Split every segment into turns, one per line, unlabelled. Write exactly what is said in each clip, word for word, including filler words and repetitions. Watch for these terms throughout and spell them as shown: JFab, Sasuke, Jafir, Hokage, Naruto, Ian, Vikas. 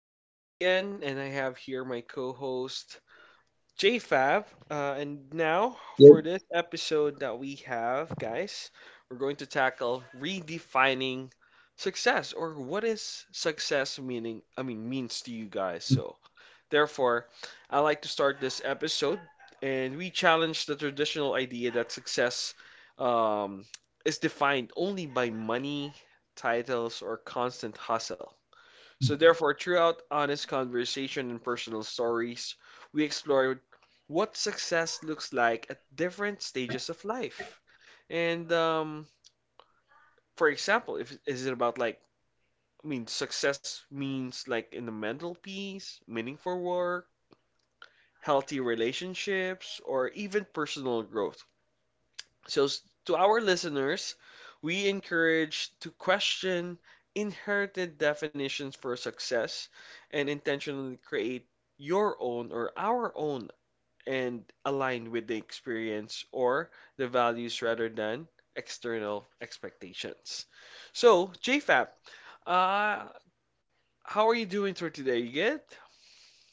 this is Ian, and I have here my co-host JFab. Uh, and now for
Yep.
this episode that we have, guys, we're going to tackle redefining success, or what is success meaning? I mean, means to you guys. So therefore, I like to start this episode, and we challenge the traditional idea that success um, is defined only by money, titles, or constant hustle. So, therefore, throughout honest conversation and personal stories, we explore what success looks like at different stages of life. And um, for example, if is it about like I mean, success means like in the mental peace, meaningful work, healthy relationships, or even personal growth. So, s- to our listeners, we encourage to question inherited definitions for success and intentionally create your own or our own and align with the experience or the values rather than external expectations. So, JFAP, uh, how are you doing through today? You good?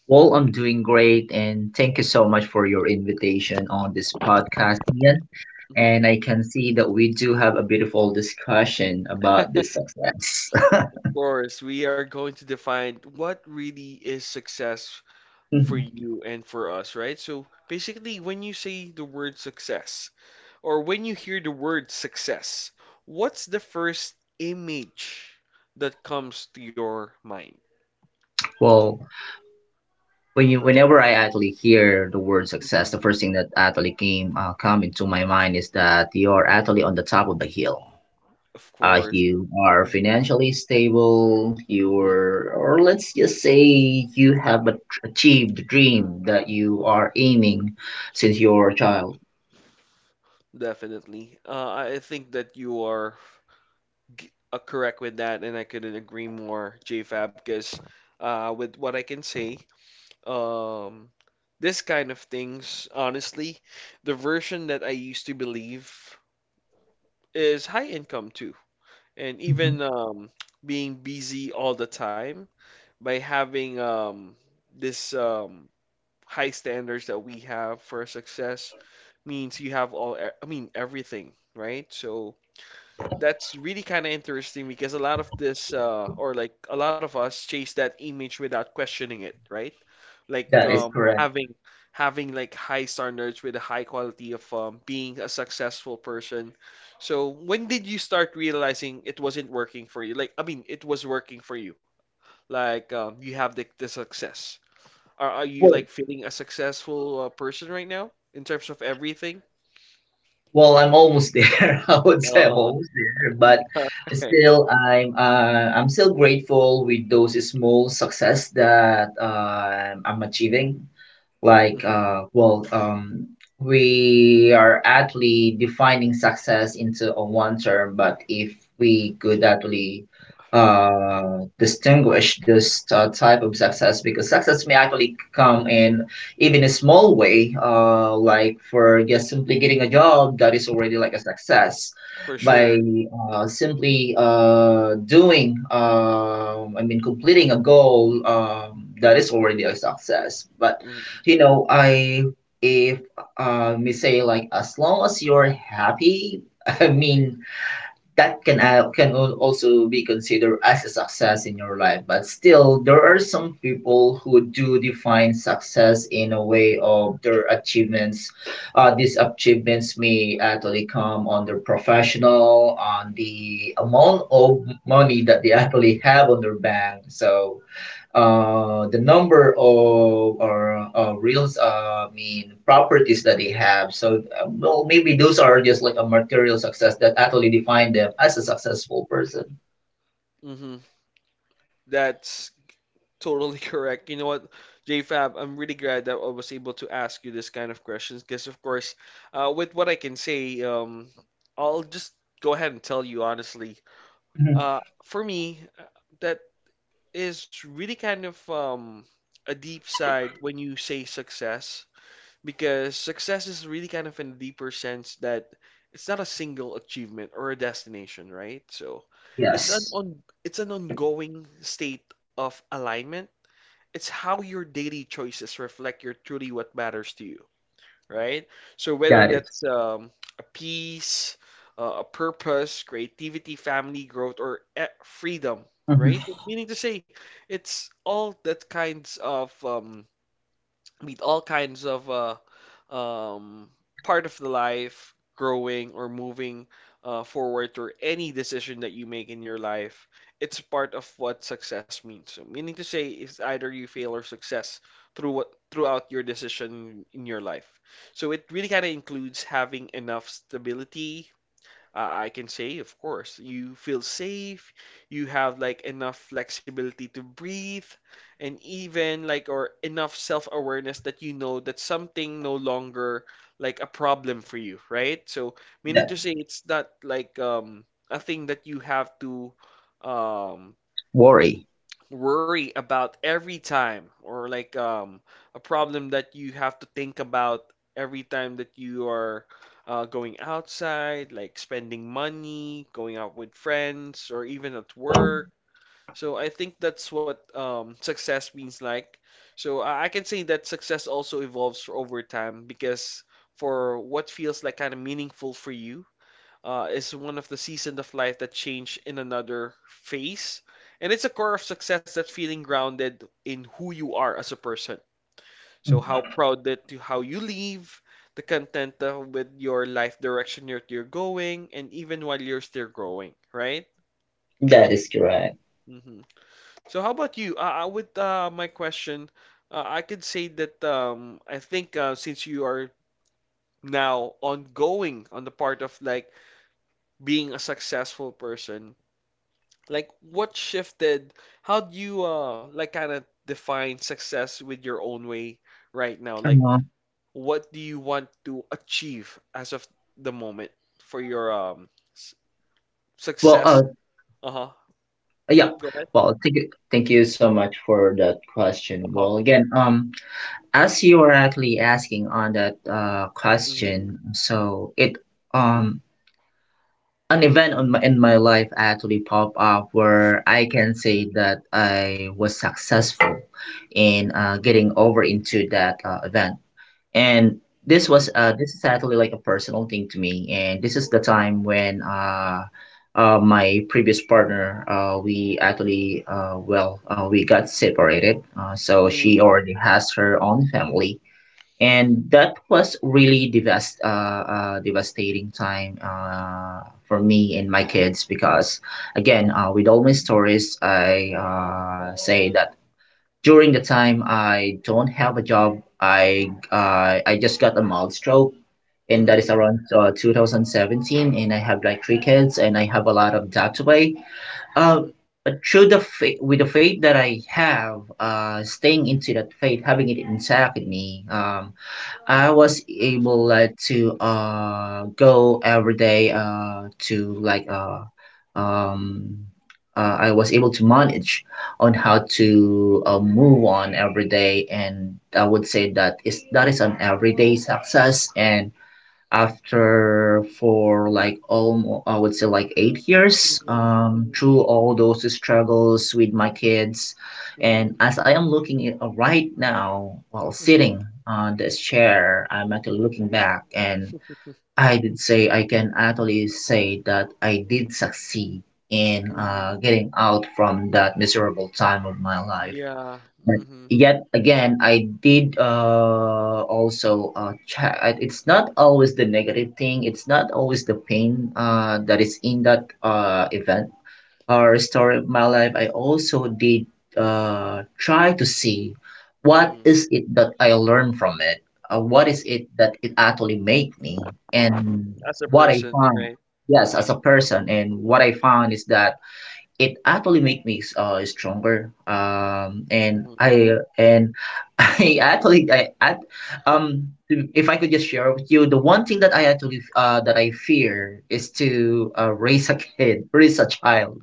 Well, I'm doing great, and thank you so much for your invitation on this podcast, Ian. And
Mhm.
I can see that we do have a beautiful discussion about this
Of
success.
course, we are going to define what really is success for you and for us, right? So basically, when you say the word success, or when you hear the word success, what's the first image that comes to your mind?
well, when you, whenever I actually hear the word success,
Hmm.
the first thing that actually came uh, come into my mind is that you're actually on the top of the hill.
Of
Uh,
course.
you are
Hmm.
financially stable, you
Hmm.
are, or let's just say you
Hmm.
have a- achieved the dream that you are aiming since you were a child.
Definitely. Uh, I I think that you are g- uh, correct with that, and I couldn't agree more, JFab, because uh, with what I can say, um, this kind of things, honestly, the version that I used to believe is high income too, and
Mhm.
even um, being busy all the time by having um, this um, high standards that we have for success means you have all, e- I mean, everything, right? So that's really kind of interesting because a lot of this, uh, or like a lot of us chase that image without questioning it, right? like
That is
um,
correct.
having having like high standards with a high quality of um, being a successful person. So when did you start realizing it wasn't working for you? Like I mean, it was working for you. Like um, you have the, the success. Are, are you
well,
like feeling a successful uh, person right now in terms of everything?
well I'm almost there. I would say I'm almost there, but
Right.
still i'm uh, i'm still grateful with those small success that uh, I'm achieving, like
Mm.
uh, well um, we are actually defining success into a one term. But if we could actually uh, distinguish this uh, type of success, because success may actually come in even a small way, uh, like for just simply getting a job, that is already like a success.
For
By
sure.
uh, simply uh, doing um, I mean completing a goal, um, that is already a success. But you know, I if uh, me say like, as long as you're happy, I mean that can al- can al- also be considered as a success in your life. But still, there are some people who do define success in a way of their achievements. Uh, these achievements may actually come on their professional, on the amount of money that they actually have on their bank. So uh, the number of or uh, reals uh, I mean properties that they have. So uh, well, maybe those are just like a material success that actually define them as a successful person.
Mm-hmm. That's Totally correct. You know what, JFab, I'm really glad that I was able to ask you this kind of questions because, of course, uh, with what I can say, um, I'll just go ahead and tell you honestly.
Mhm.
Uh, for me, uh, that is really kind of um, a deep side when you say success because success is really kind of in a deeper sense that it's not a single achievement or a destination, right? So it's an
Yes.
on it's an ongoing state of alignment, it's how your daily choices reflect your truly what matters to you, right? So whether
Got it.
that's um, a peace, uh, a purpose, creativity, family growth, or eh, freedom,
Mhm.
right? Meaning to say, it's all that kinds of um, meet all kinds of uh, um, part of the life growing or moving uh, forward, or any decision that you make in your life, it's part of what success means. So meaning to say, it's either you fail or success through what throughout your decision in your life. So it really kind of includes having enough stability, uh, I can say, of course, you feel safe, you have like enough flexibility to breathe, and even like or enough self-awareness that you know that something no longer like a problem for you, right? So meaning
That.
to say, it's not like um a thing that you have to um
Worry.
worry about every time, or like um, a problem that you have to think about every time that you are uh, going outside, like spending money, going out with friends, or even at work. So I think that's what um, success means like. So I I can say that success also evolves over time because for what feels like kind of meaningful for you, uh, is one of the seasons of life that change in another phase. And it's a core of success that's feeling grounded in who you are as a person. So
Mhm.
how proud that you, how you live, the content uh, with your life direction you're, you're going, and even while you're still growing, right?
That is correct.
Hmm. So how about you? Uh, uh, with uh, my question, uh, I could say that um, I think uh, since you are now ongoing on the part of like being a successful person, like what shifted? How do you uh like kind of define success with your own way right now? Like
Uh,
what do you want to achieve as of the moment for your um s
well,
success?
uh,
Uh-huh.
yeah.
Go ahead.
Well, thank you, thank you so much for that question.
Uh-huh.
Well, again, um, as you were actually asking on that uh
Mm-hmm.
question, so it um an event on my, in my life actually pop up where I can say that I was successful in uh, getting over into that uh, event. And this was uh, this is actually like a personal thing to me. And this is the time when uh, uh, my previous partner, uh, we actually uh, well uh, we got separated. Uh, so she
Mm-hmm.
already has her own family, and that was really devast- uh, uh, devastating time uh, for me and my kids. Because again, uh, with all my stories, I uh, say that during the time I don't have a job, i uh, I just got a mild stroke, and that is
Mm-hmm.
around uh, two thousand seventeen, and I have like three kids, and I have a lot of debt to pay. Uh,
Mm-hmm.
but through the faith, with the faith that I have, uh, staying into that faith, having it intact in me, um, I was able like to uh go every day uh to like uh um uh, I was able to manage on how to uh, move on every day. And I would say that is that is an everyday success. And after for like almost, I would say, like eight years,
Mm-hmm.
um,
Mm-hmm.
through all those struggles with my kids,
Mm-hmm.
and as I am looking at, uh, right now while sitting on this chair, I'm actually looking back, and i did say i can actually say that I did succeed in uh,
Mm-hmm.
getting out from that miserable time of my life.
Yeah.
But
Mm-hmm.
yet again, I did uh, also uh, check. I- It's not always the negative thing. It's not always the pain uh, that is in that uh, event or story of my life. I also did uh, try to see what
Mm-hmm.
is it that I learned from it. Uh, what is
Mm-hmm.
it that it actually made me,
Mm-hmm.
and
As a
what I
person,
found,
right?
yes, as a person. And what
Mm-hmm.
I found is that it actually make me uh stronger. um and
Mm-hmm.
i and i actually i, I, um, if I could just share with you, the one thing that I actually uh that I fear is to uh, raise a kid, raise a child.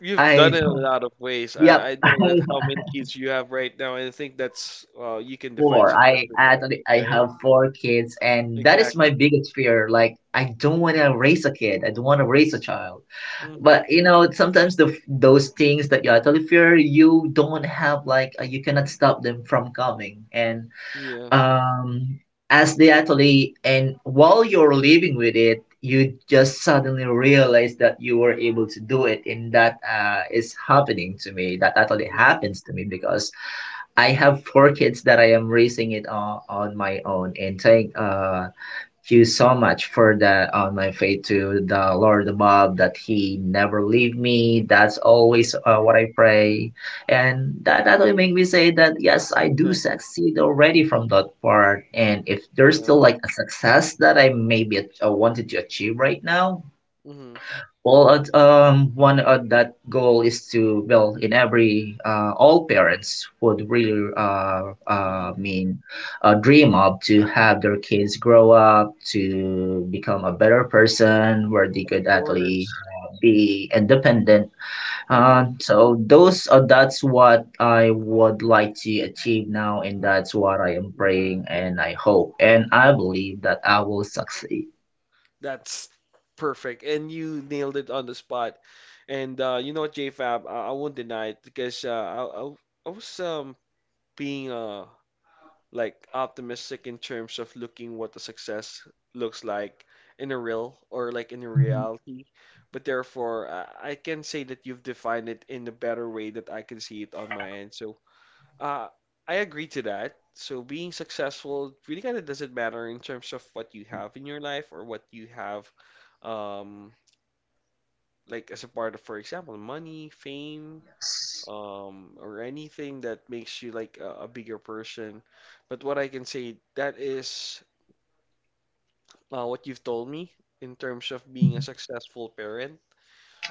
You've
I
done it in a lot of ways.
Yep.
I, I
i have
know that how many kids you have right now, and I think that's uh, you can define
four
success
i
with that,
actually i
right?
have four kids, and that is my
Exactly.
biggest fear. Like, I don't want
Hmm.
to raise a kid, I don't want to raise a child.
Hmm.
But you know, sometimes the those things that you actually fear, you don't have like uh, you cannot stop them from coming. And
Yeah.
um as they actually and while you're living with it, you just suddenly realize that you were able to do it. And that uh, is happening to me that actually
Hmm.
happens to me, because I have four kids that I am raising it on, on my own. And thank uh, you so much for that, on my faith to the Lord above, that He never leave me. That's
Hmm.
always uh, what I pray, and that that will make me
Hmm.
say that yes, I do
Exactly.
succeed already from that part. And if there's
Yeah.
still like a success that I maybe uh, wanted to achieve right now,
Hmm.
well, at, um, one of that goal is to, well, in every, uh, all parents would really, uh, uh,
Hmm.
mean, uh, dream of to have their kids grow up to become a better person, where they
Of
could actually
course.
be independent. Uh,
Hmm.
so those, uh, that's what I would like to achieve now, and that's what I am
Hmm.
praying, and I hope and I believe that I will succeed.
That's Perfect, and you nailed it on the spot. And uh, you know what, JFab, I, I won't deny it because uh, I, I I was um being uh like optimistic in terms of looking what the success looks like in a real or like in a reality. But therefore, uh, I can say that you've defined it in a better way that I can see it on my end. So, uh, I agree to that. So, being successful really kind of doesn't matter in terms of what you have in your life or what you have, um, like as a part of, for example, money, fame,
Yes,
um, or anything that makes you like a, a bigger person. But what I can say, that is uh, what you've told me in terms of being a successful parent.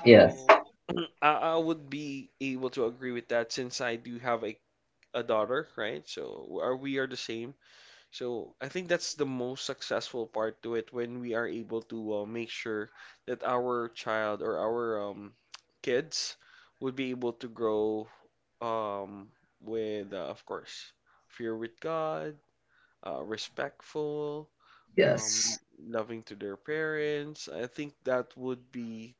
yes,
So I, I would be able to agree with that since I do have a, a daughter, right? So are we are the same. So I think that's the most successful part to it when we are able to uh, make sure that our child or our um, kids would be able to grow um, with, uh, of course, fear with God, uh, respectful, um,
yes.
loving to their parents. I think that would be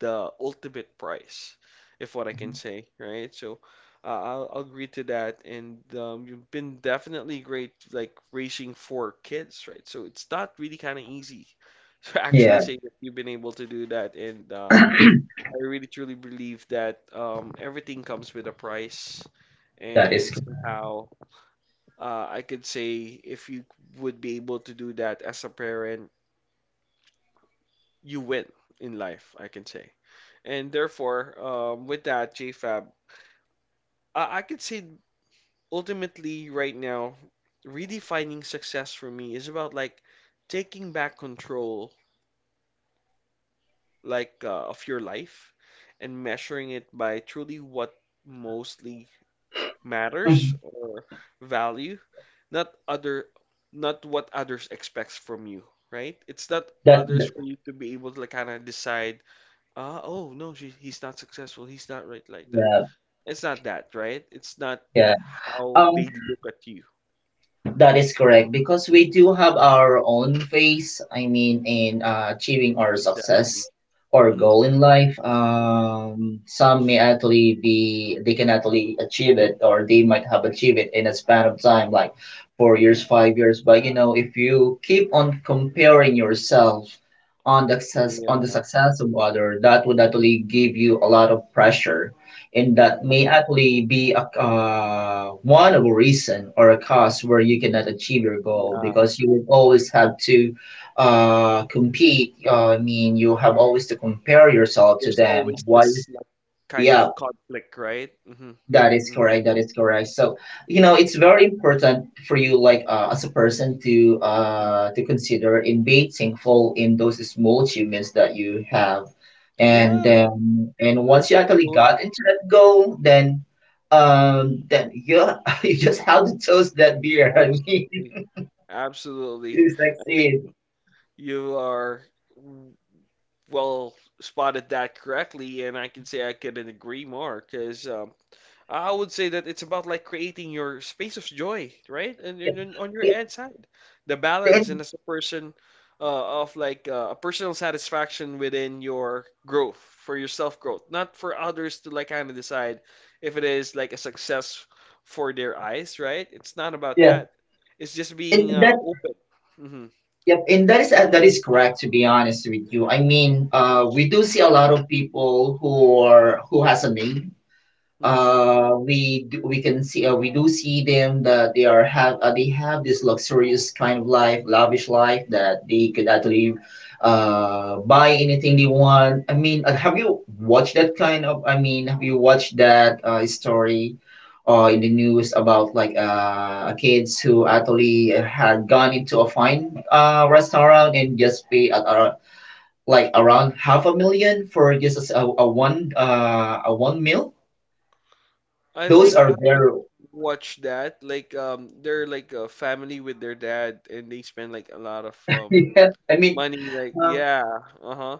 the ultimate prize, if what I can say, right? So uh, I'll, I'll agree to that. And um, you've been definitely great, like raising four kids, right? So it's not really kind of easy to actually
Yeah.
say that you've been able to do that. And um, I really truly believe that um, everything comes with a price.
That is
And
correct.
somehow, uh, I could say if you would be able to do that as a parent, you win in life, I can say. And therefore, um, with that, JFab, I, I could say ultimately right now, redefining success for me is about like taking back control like uh, of your life and measuring it by truly what mostly matters
Mhm.
or value, not other, not what others expects from you, right? It's not
That,
others
that.
for you to be able to like, kind of decide, uh, oh no, she, he's not successful. He's not right like that.
Yeah,
It's not that, right? It's not
yeah.
how
Um,
they look at you.
that is correct, because we
Hmm.
do have our own face, I mean, in uh, achieving our success
Exactly.
or
Hmm.
goal in life.
Hmm.
Um, some may actually be they can actually achieve it, or they might have achieved it in a span of time, like four years,
Hmm.
five years. But you know, if you keep on comparing yourself on the success on the
Yeah.
success of other, that would actually give you a lot of pressure. And that
Hmm.
may actually be a, uh, one of a reason or a cause where you cannot achieve your goal,
Yeah.
because you will always have to uh, compete. Uh, I mean, you have always to compare yourself to
There's
them.
always
Why?
this like kind of
Yeah,
conflict, right? Hmm.
that is
Hmm.
correct. That is correct. So, you know,
Hmm.
it's very important for you, like uh, as a person, to uh to consider in being thankful in those small achievements that you have. And
Yeah,
then and once you actually
totally.
got into that goal, then um then you you just have to toast that beer. I mean,
Absolutely. Absolutely.
to
I think
succeed.
you are well spotted that correctly, and I can say I couldn't agree more because um, I would say that it's about like creating your space of joy, right? And,
Yeah.
and, and on your
Yeah.
end side, the balance and
And,
as a person uh, of like uh, a personal satisfaction within your growth for your self growth, not for others to like kind of decide if it is like a success for their eyes, right? It's not about
yeah.
that. It's just being
And.
uh, open. Hmm.
Yep, and that is uh, that is correct. To be honest with you, I
Hmm.
mean, uh, we do see a lot of people who are who has a name.
Hmm.
Uh we do, we can see, uh, we do see them that they are have uh, they have this luxurious kind of life, lavish life, that they could actually uh buy anything they want. I mean uh, have you watched that kind of, I mean have you watched that uh, story uh in the news about like uh kids who actually had gone into a fine uh restaurant and just pay uh, uh, like around half a million for just a, a one uh a one meal.
I
Those
think I
are
have
very.
watched that. Like um, they're like a family with their dad, and they spend like a lot of um
Yeah, I mean,
money, like,
um,
yeah, uh-huh.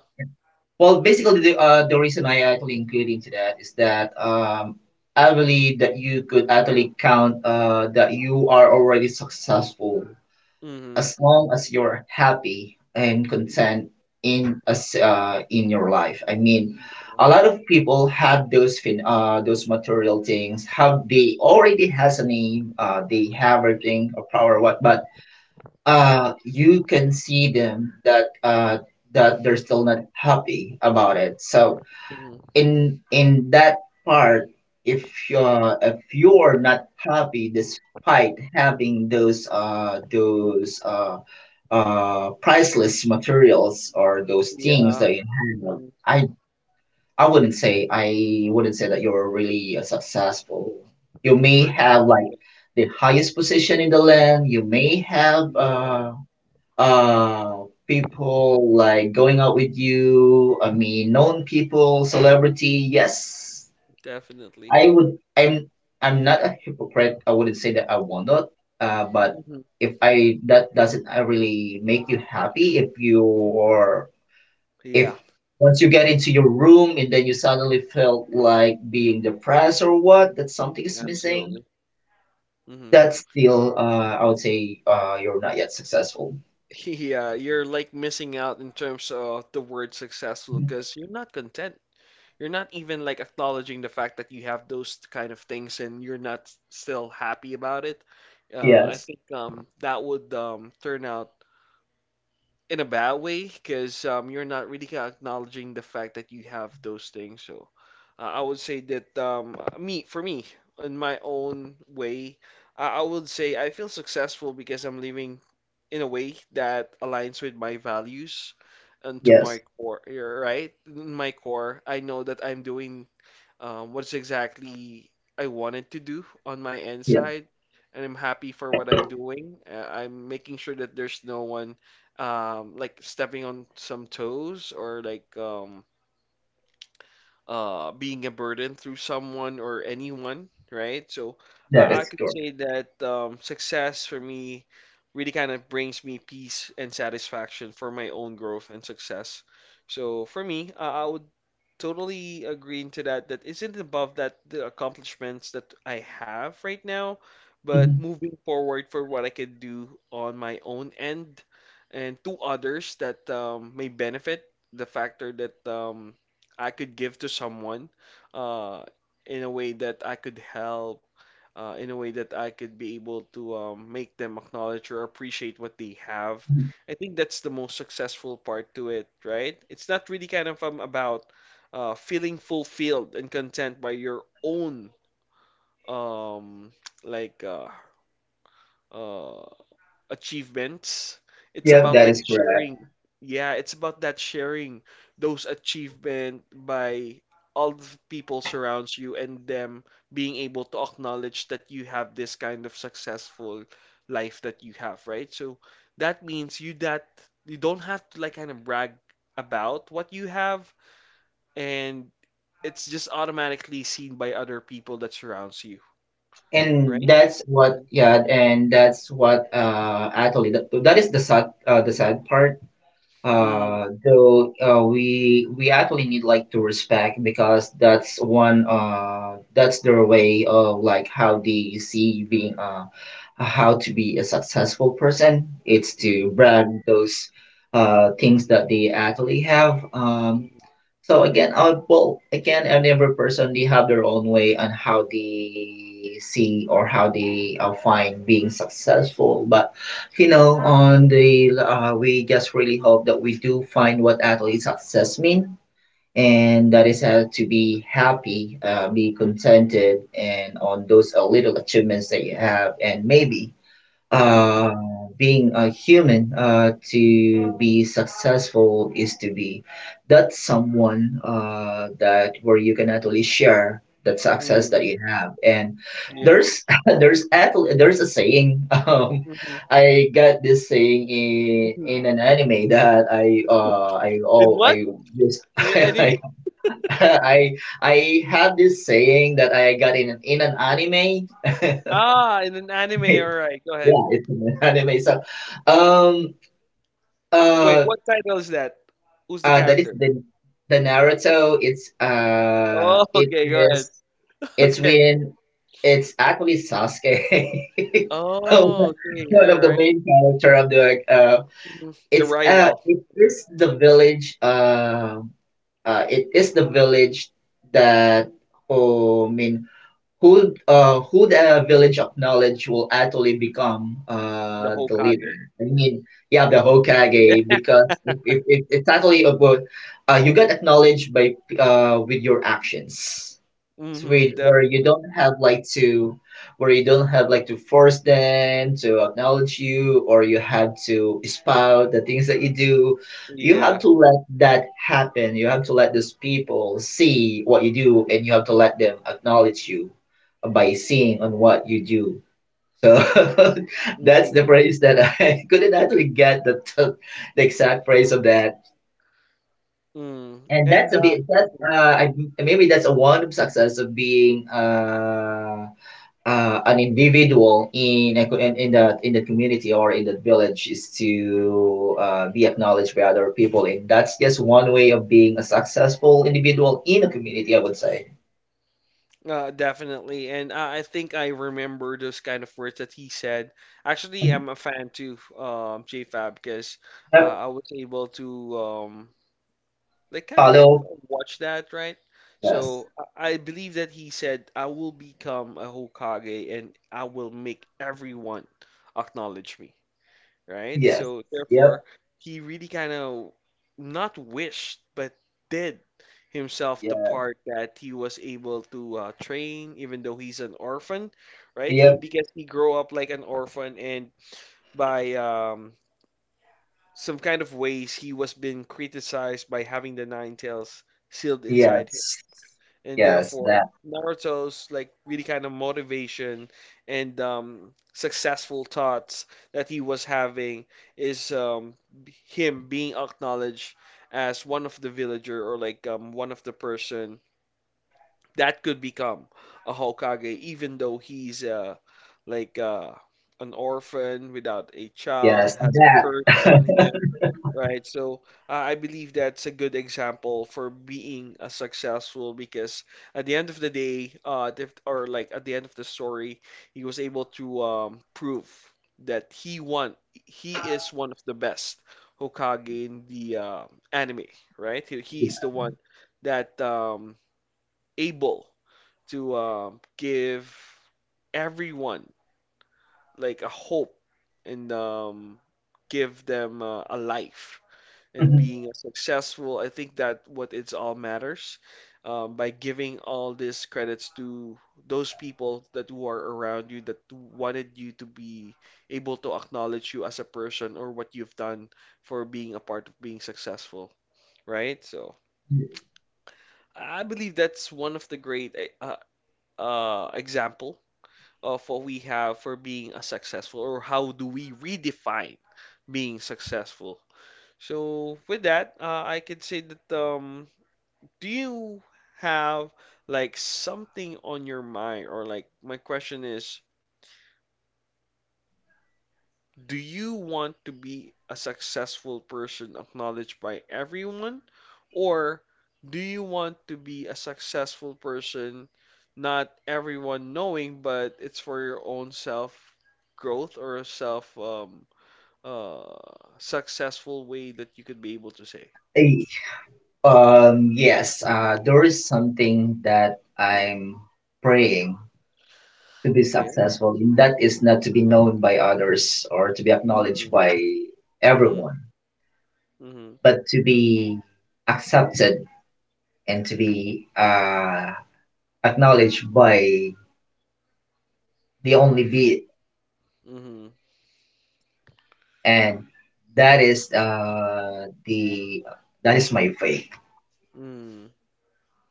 well, basically, the uh, the reason I actually include into that is that, um, I believe that you could actually count uh, that you are already successful
Mm-hmm.
as long as you're happy and content in as uh, in your life. I mean, a
Yeah.
lot of people have those fin- uh, those material things. Have they already has a name? Uh, they have everything, or power, what, but uh you can see them that uh that they're still not happy about it. So
Mm-hmm.
in in that part, if you're if you're not happy despite having those uh those uh uh priceless materials or those things
Yeah.
that you have,
Mm-hmm.
i i wouldn't say I wouldn't say that you're really uh, successful. You may
Person.
have like
Yeah.
the highest position in the land. You may have
Yeah,
uh uh people like going out with you, I mean known people, celebrity, yes.
definitely.
i would i'm i'm not a hypocrite. I wouldn't say that I will not. Uh, but
Mm-hmm.
if I that doesn't uh, really make you happy. If you or if
Yeah,
Once you get into your room, and then you suddenly felt like being depressed or what, that something is missing,
absolutely. Mm-hmm.
that's still uh I would say uh you're not yet successful.
Yeah, you're like missing out in terms of the word successful because you're not content. You're not even like acknowledging the fact that you have those kind of things and you're not still happy about it. Uh, I
Yes.
think um, that would um, turn out in a bad way because um, you're not really acknowledging the fact that you have those things. So uh, I would say that um, me, for me, in my own way, I, I would say I feel successful because I'm living in a way that aligns with my values and to my
Yes.
core, yeah, right? In my core, I know that I'm doing um, what's exactly I wanted to do on my end side, and I'm happy for what I'm doing. Uh, I'm making sure that there's no one um, like stepping on some toes or like um, uh, being a burden through someone or anyone, right? So
That
I, I
is
could
correct.
say that um, success for me really kind of brings me peace and satisfaction for my own growth and success. So for me, uh, I would totally agreeing to that that isn't above that the accomplishments that I have right now, but
Mhm,
moving forward for what I can do on my own end and to others that um, may benefit the factor that um, I could give to someone uh, in a way that I could help. Uh, in a way that I could be able to um, make them acknowledge or appreciate what they have.
mhm.
I think that's the most successful part to it, right? It's not really kind of um, about uh, feeling fulfilled and content by your own um, like uh, uh, achievements. It's
Yep,
about
that
like
is correct.
sharing. Yeah, it's about that sharing those achievement by all the people surrounds you and them being able to acknowledge that you have this kind of successful life that you have, right? So that means you that you don't have to like kind of brag about what you have and it's just automatically seen by other people that surrounds you,
And
right?
that's what, yeah, and that's what, uh, actually, that, that is the sad, uh, the sad part.
Mm-hmm.
Uh, though, uh, we, we actually need, like, to respect because that's one, uh, that's their way of, like, how they see being, uh, how to be a successful person. It's to
Mm-hmm.
brag those, uh, things that they actually have. Um,
Mm-hmm.
So again, uh, well, again, and every person they have their own way on how they see or how they uh, find being successful. But you know, on the uh, we just really hope that we do find what actually success mean, and that is how to be happy, uh, be contented, and on those uh, little achievements that you have, and maybe
Mm-hmm.
uh, being a human uh, to be successful is to be that someone uh, that where you can actually share that success
Mm-hmm.
that you have and
Yeah.
there's there's actually there's a saying um
Mm-hmm.
I got this saying in
Mm-hmm.
in an anime that i uh i
In
oh
what?
i this
Your enemy?
i i I had this saying that I got in an- in an anime
Ah, in an anime. All right, go ahead.
Yeah, it's an anime. So, um,
Wait,
uh,
what title is that? Who's the
uh, that is
character?
the the Naruto. It's uh,
Oh,
it
okay, go
is
ahead.
it's
Okay.
when it's actually Sasuke,
Oh, okay,
one
all
of the
right.
main character of the uh,
Mhm. The
it's uh,
rival,
it
mhm,
is the village. Um, uh, it is the village that. Oh, I mean, who uh who the village of knowledge will actually become
the
uh the leader.
Hokage.
i mean yeah, the hokage
Yeah.
because if, if it's actually about uh you get acknowledged by uh with your actions.
Mm-hmm.
Sweet, where you
Definitely.
don't have like to, where you don't have like to force them to acknowledge you, or you have to spout the things that you do. You have
Yeah.
to let that happen. You have to let those people see what you do, and you have to let them acknowledge you by seeing on what you do. So that's
Mm-hmm.
the phrase that I couldn't actually get the t- the exact phrase of that.
Mm.
And that's
And
a
uh,
bit that
mhm.
uh I, maybe that's a one of success of being uh uh, an individual in, a, co- in in that in the community or in the village is to uh, be acknowledged by other people, and that's just one way of being a successful individual in a community, I would say.
Uh, definitely, and I I think I remember those kind of words that he said. Actually,
Mhm.
I'm a fan too, um, JFab, because uh,
Yep.
I was able to um, like kind of
Follow.
watch that, right?
Yes.
So I I believe that he said, "I will become a Hokage, and I will make everyone acknowledge me," right?
Yes.
So therefore,
Yep.
he really kind of not wished, but did himself the
Yeah.
part that he was able to uh, train, even though he's an orphan, right? He
Yep.
because he grew up like an orphan, and by um, some kind of ways, he was being criticized by having the nine tails sealed inside him
Yes.
and
Yes.
therefore
That.
Naruto's like really kind of motivation and um, successful thoughts that he was having is um, b- him being acknowledged as one of the villager or like um, one of the person that could become a Hokage, even though he's uh, like uh, an orphan without a child,
Yes.
has a
That.
curse on him. Right. So uh, I believe that's a good example for being a successful because at the end of the day, uh, the, or like at the end of the story, he was able to um, prove that he won. He is one of the best Hokage in the uh, anime, right? He, he's the one that um, able to um, give everyone like a hope and um, give them uh, a life and
Mhm.
being successful. I think that what it's all matters um, by giving all these credits to those people that who are around you that wanted you to be able to acknowledge you as a person or what you've done for being a part of being successful, right? So I believe that's one of the great eh, uh, uh, example of what we have for being a successful or how do we redefine being successful. So with that, uh, I can say that um, do you have like something on your mind or like my question is do you want to be a successful person acknowledged by everyone or do you want to be a successful person not everyone knowing but it's for your own self growth or self um uh successful way that you could be able to say.
Eh, Um. Yes. Uh. There is something that
Mm.
I'm praying to be
Okay.
successful in, that is not to be known by others or to be
Mm-hmm.
acknowledged by
Mm-hmm.
everyone,
Mm-hmm.
but to be accepted and to be uh, acknowledged by the only V.
Mm-hmm.
And that is uh, the that is my faith.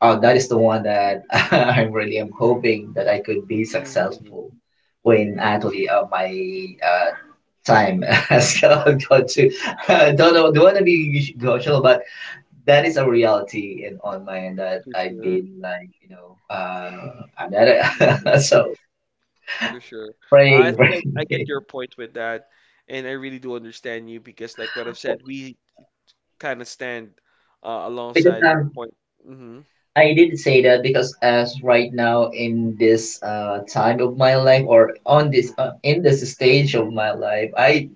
Oh, that is the
Mm.
one that I really am hoping that I could be
Mhm.
successful when actually uh, my uh, time has got to. I don't know, don't want to be emotional, but that is a reality in on my end that
For
I've
sure,
been like, you know, uh, I'm not
for
a,
sure,
so
for sure. I
praying,
think I, I get
praying
your point with that, and I really do understand you because, like what I've said, we kind of stand uh,
because
alongside with the
um,
point. Mm-hmm,
I did say that because as right now in this uh time of my life or on this uh, in this stage of my life, I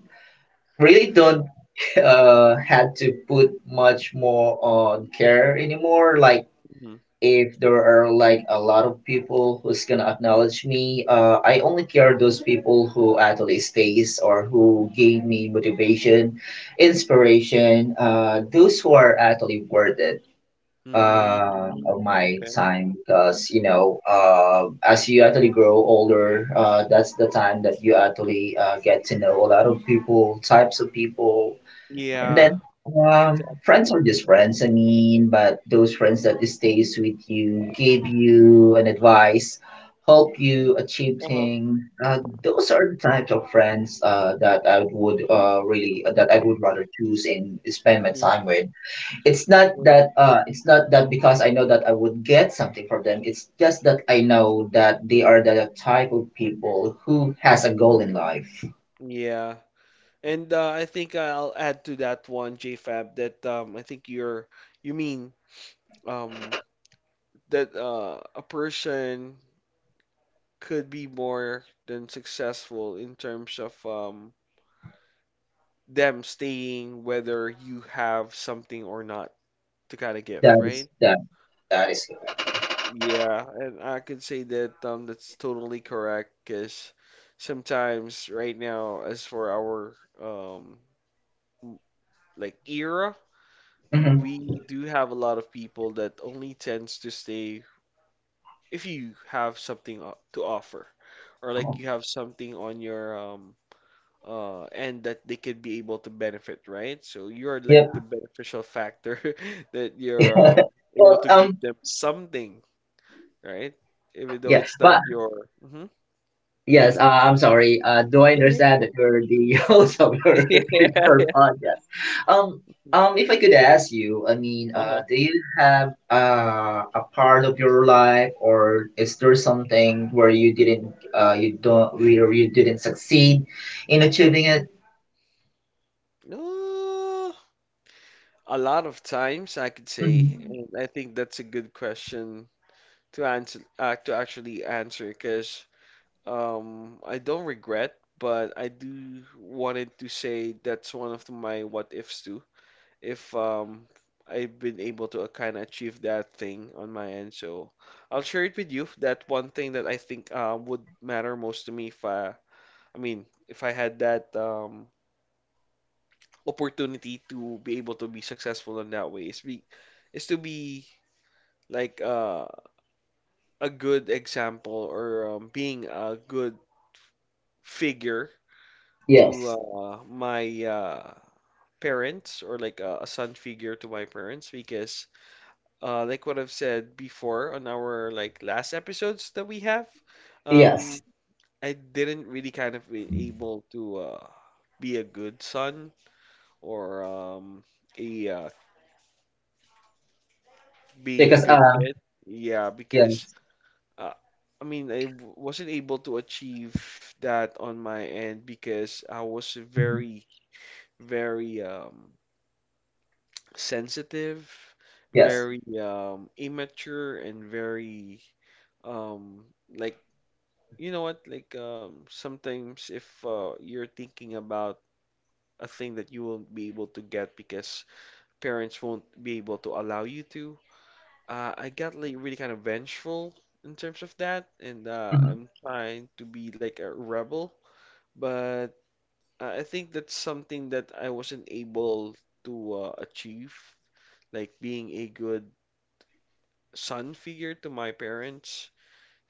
really don't uh had to put much more on care anymore. Like
mm-hmm,
if there are like a lot of people who's gonna acknowledge me, uh, I only care those people who actually stays or who gave me motivation inspiration, uh, those who are actually worth it
mm-hmm,
uh,
mm-hmm.
of my
Okay.
time because you know uh, as you actually grow older, uh, that's the time that you actually uh, get to know a lot of people types of people. And
Yeah,
then um,
exactly.
friends are just friends. I mean, but those friends that stays with you, give you an advice, help you achieve
Uh-huh.
things. Uh, those are the types of friends uh, that I would uh, really uh, that I would rather choose and spend my time
Mm-hmm.
with. It's not that uh, it's not that because I know that I would get something from them. It's just that I know that they are the type of people who has a goal in life.
Yeah. And uh, I think I'll add to that one, JFab, that um, I think you're, you mean um, that uh, a person could be more than successful in terms of um, them staying whether you have something or not to kind of give,
That is
right?
that that is correct.
Yeah, and I could say that um, that's totally correct because sometimes right now, as for our um, w- like era, we do have a lot of people that only tends to stay if you have something o- to offer or like
Mhm.
you have something on your um, uh, and that they could be able to benefit, right? So you're like the beneficial factor that you're um, able
Well,
to give
um,
them something, right? Even though
yeah,
it's not
but
your. Hmm.
yes, uh, I'm sorry. Uh, do I
Yeah,
understand that you're the host of your,
yeah, yeah.
your podcast? Um, um, if I could ask you, I mean, uh,
Uh-huh.
do you have uh, a part of your life, or is there something where you didn't, uh, you don't, where you didn't succeed in achieving it?
Uh, a lot of times I could say,
Mhm.
and I think that's a good question to answer, uh, to actually answer, because um, I don't regret, but I do wanted to say that's one of my what ifs too. If um I've been able to kind of achieve that thing on my end. So I'll share it with you. That one thing that I think uh, would matter most to me if I, I mean, if I had that um, opportunity to be able to be successful in that way is be is to be like uh, a good example or um, being a good figure to
Yes,
uh, my uh, parents or like a, a son figure to my parents because uh, like what I've said before on our like last episodes that we have, um,
yes,
I didn't really kind of be able to uh, be a good son or um, a uh, being a
because
good
uh,
kid. Yeah,
yeah,
because uh, I mean I w- wasn't able to achieve that on my end because I was
mhm,
very, very um, sensitive,
yes,
very um, immature, and very um like you know what? Like um, sometimes if uh, you're thinking about a thing that you won't be able to get because parents won't be able to allow you to, uh, I got like really kind of vengeful in terms of that, and uh,
mhm.
I'm trying to be like a rebel, but I I think that's something that I wasn't able to uh, achieve, like being a good son figure to my parents.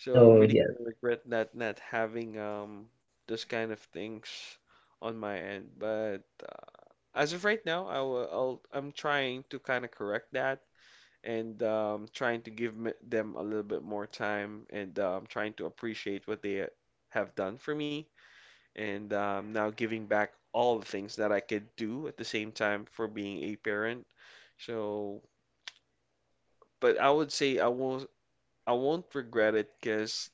So I
Oh,
really
yes,
kind of regret that not having um those kind of things on my end. But uh, as of right now, I will, I'll, I'm trying to kind of correct that and um, trying to give me- them a little bit more time and um, trying to appreciate what they have done for me and um, now giving back all the things that I could do at the same time for being a parent. So, but I would say I won't I won't regret it because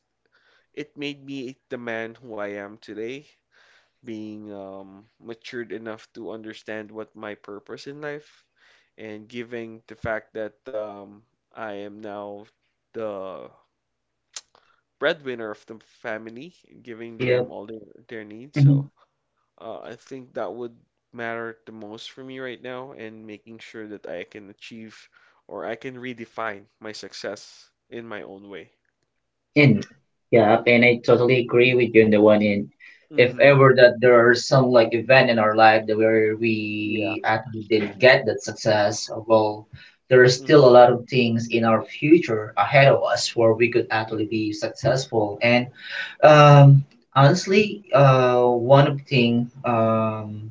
it made me the man who I am today, being um, matured enough to understand what my purpose in life, and giving the fact that um, I am now the breadwinner of the family, giving
yeah.
them all their, their needs. So uh, I think that would matter the most for me right now, and making sure that I can achieve or I can redefine my success in my own way.
In, yeah, and I totally agree with you on the one. In. If
Mm-hmm.
ever that there are some like event in our life that where
Yeah.
we actually didn't get that success, well, there are
Hmm.
still a lot of things in our future ahead of us where we could actually be successful. And um, honestly, uh, one of the thing, um,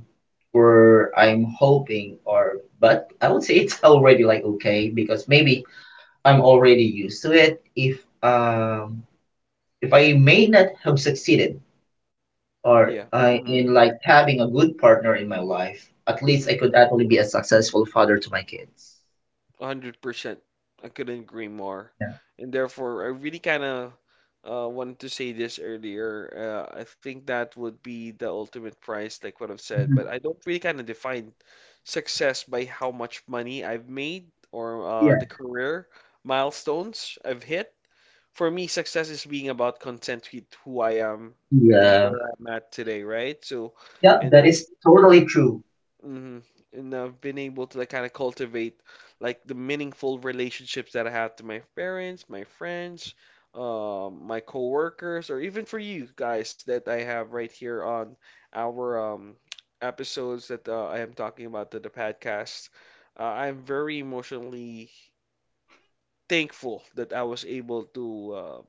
where I'm hoping, or but I would say it's already like okay because maybe I'm already used to it. If um if I may not have succeeded or
Yeah.
I
Mm-hmm.
in like having a good partner in my life, at least
Mm-hmm.
I could actually be a successful father to my kids.
one hundred percent. I couldn't agree more. And therefore, I really kind of uh, wanted to say this earlier. Uh, I think that would be the ultimate prize, like what I've said, but
Mhm.
I don't really kind of define success by how much money I've made or
Yeah.
uh, the career milestones I've hit. For me, success is being about content with who I am and
Yeah.
where I'm at today, right? So,
Yeah,
and I
that is totally true.
hmm and I've been able to like kind of cultivate like the meaningful relationships that I have to my parents, my friends, um, my coworkers, or even for you guys that I have right here on our um, episodes that uh, I am talking about to the podcast. Uh, I'm very emotionally thankful that I was able to uh,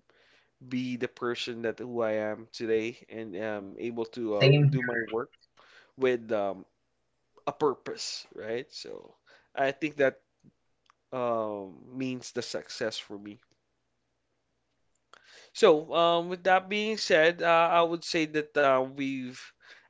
be the person that who I am today and am able to uh, do
Same.
my work with um, a purpose, right? So I think that um, means the success for me. So, um, with that being said, uh, I would say that uh, we've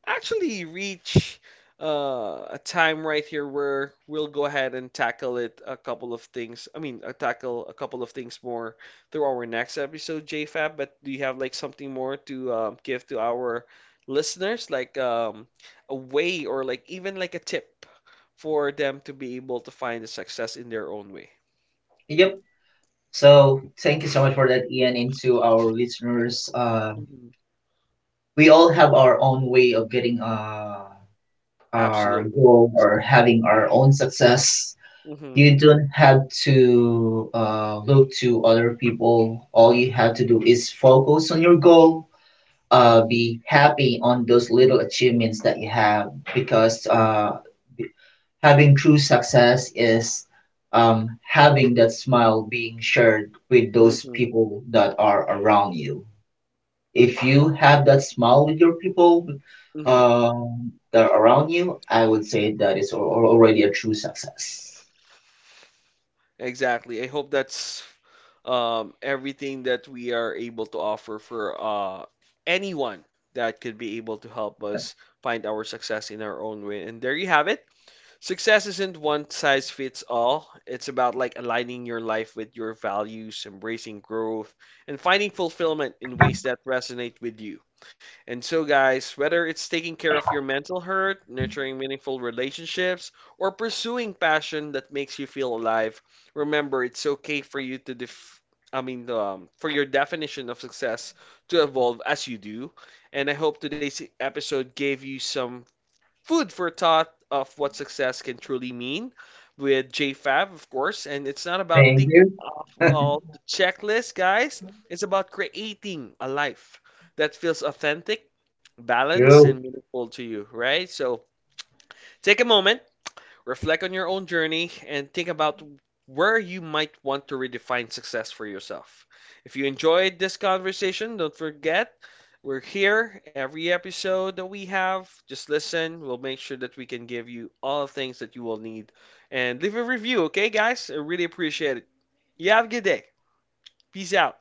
actually reached uh, a time right here where we'll go ahead and tackle it a couple of things. I mean, uh, tackle a couple of things more through our next episode, JFab. But do you have like something more to um, give to our listeners, like um, a way or like even like a tip for them to be able to find the success in their own way?
Yep. So thank you so much for that, Ian, and to our listeners. Uh,
Hmm.
we all have our own way of getting uh, our
Absolutely.
goal or having
Hmm.
our own success. You don't have to uh, look to other people. All you have to do is focus on your goal. Uh, be happy on those little achievements that you have because uh, having true success is, um, having that smile being shared with
Hmm.
those
Hmm.
people that are around you. If you have that smile with your people,
Hmm.
um, that are around you, I would say that is al- al- already a true success.
Exactly. I hope that's um, everything that we are able to offer for uh, anyone that could be able to help us find our success in our own way. And there you have it. Success isn't one size fits all. It's about like aligning your life with your values, embracing growth, and finding fulfillment in ways that resonate with you. And so, guys, whether it's taking care of your mental hurt, nurturing meaningful relationships, or pursuing passion that makes you feel alive, remember it's okay for you to def- I mean, um, for your definition of success to evolve as you do. And I hope today's episode gave you some food for thought of what success can truly mean with J Fab, of course. And it's not about
Thank
ticking
you.
off all the checklist, guys. It's about creating a life that feels authentic, balanced, and
True.
meaningful to you, right? So take a moment, reflect on your own journey and think about where you might want to redefine success for yourself. If you enjoyed this conversation, don't forget we're here every episode that we have. Just listen. We'll make sure that we can give you all the things that you will need. And leave a review, okay, guys? I really appreciate it. You have a good day. Peace out.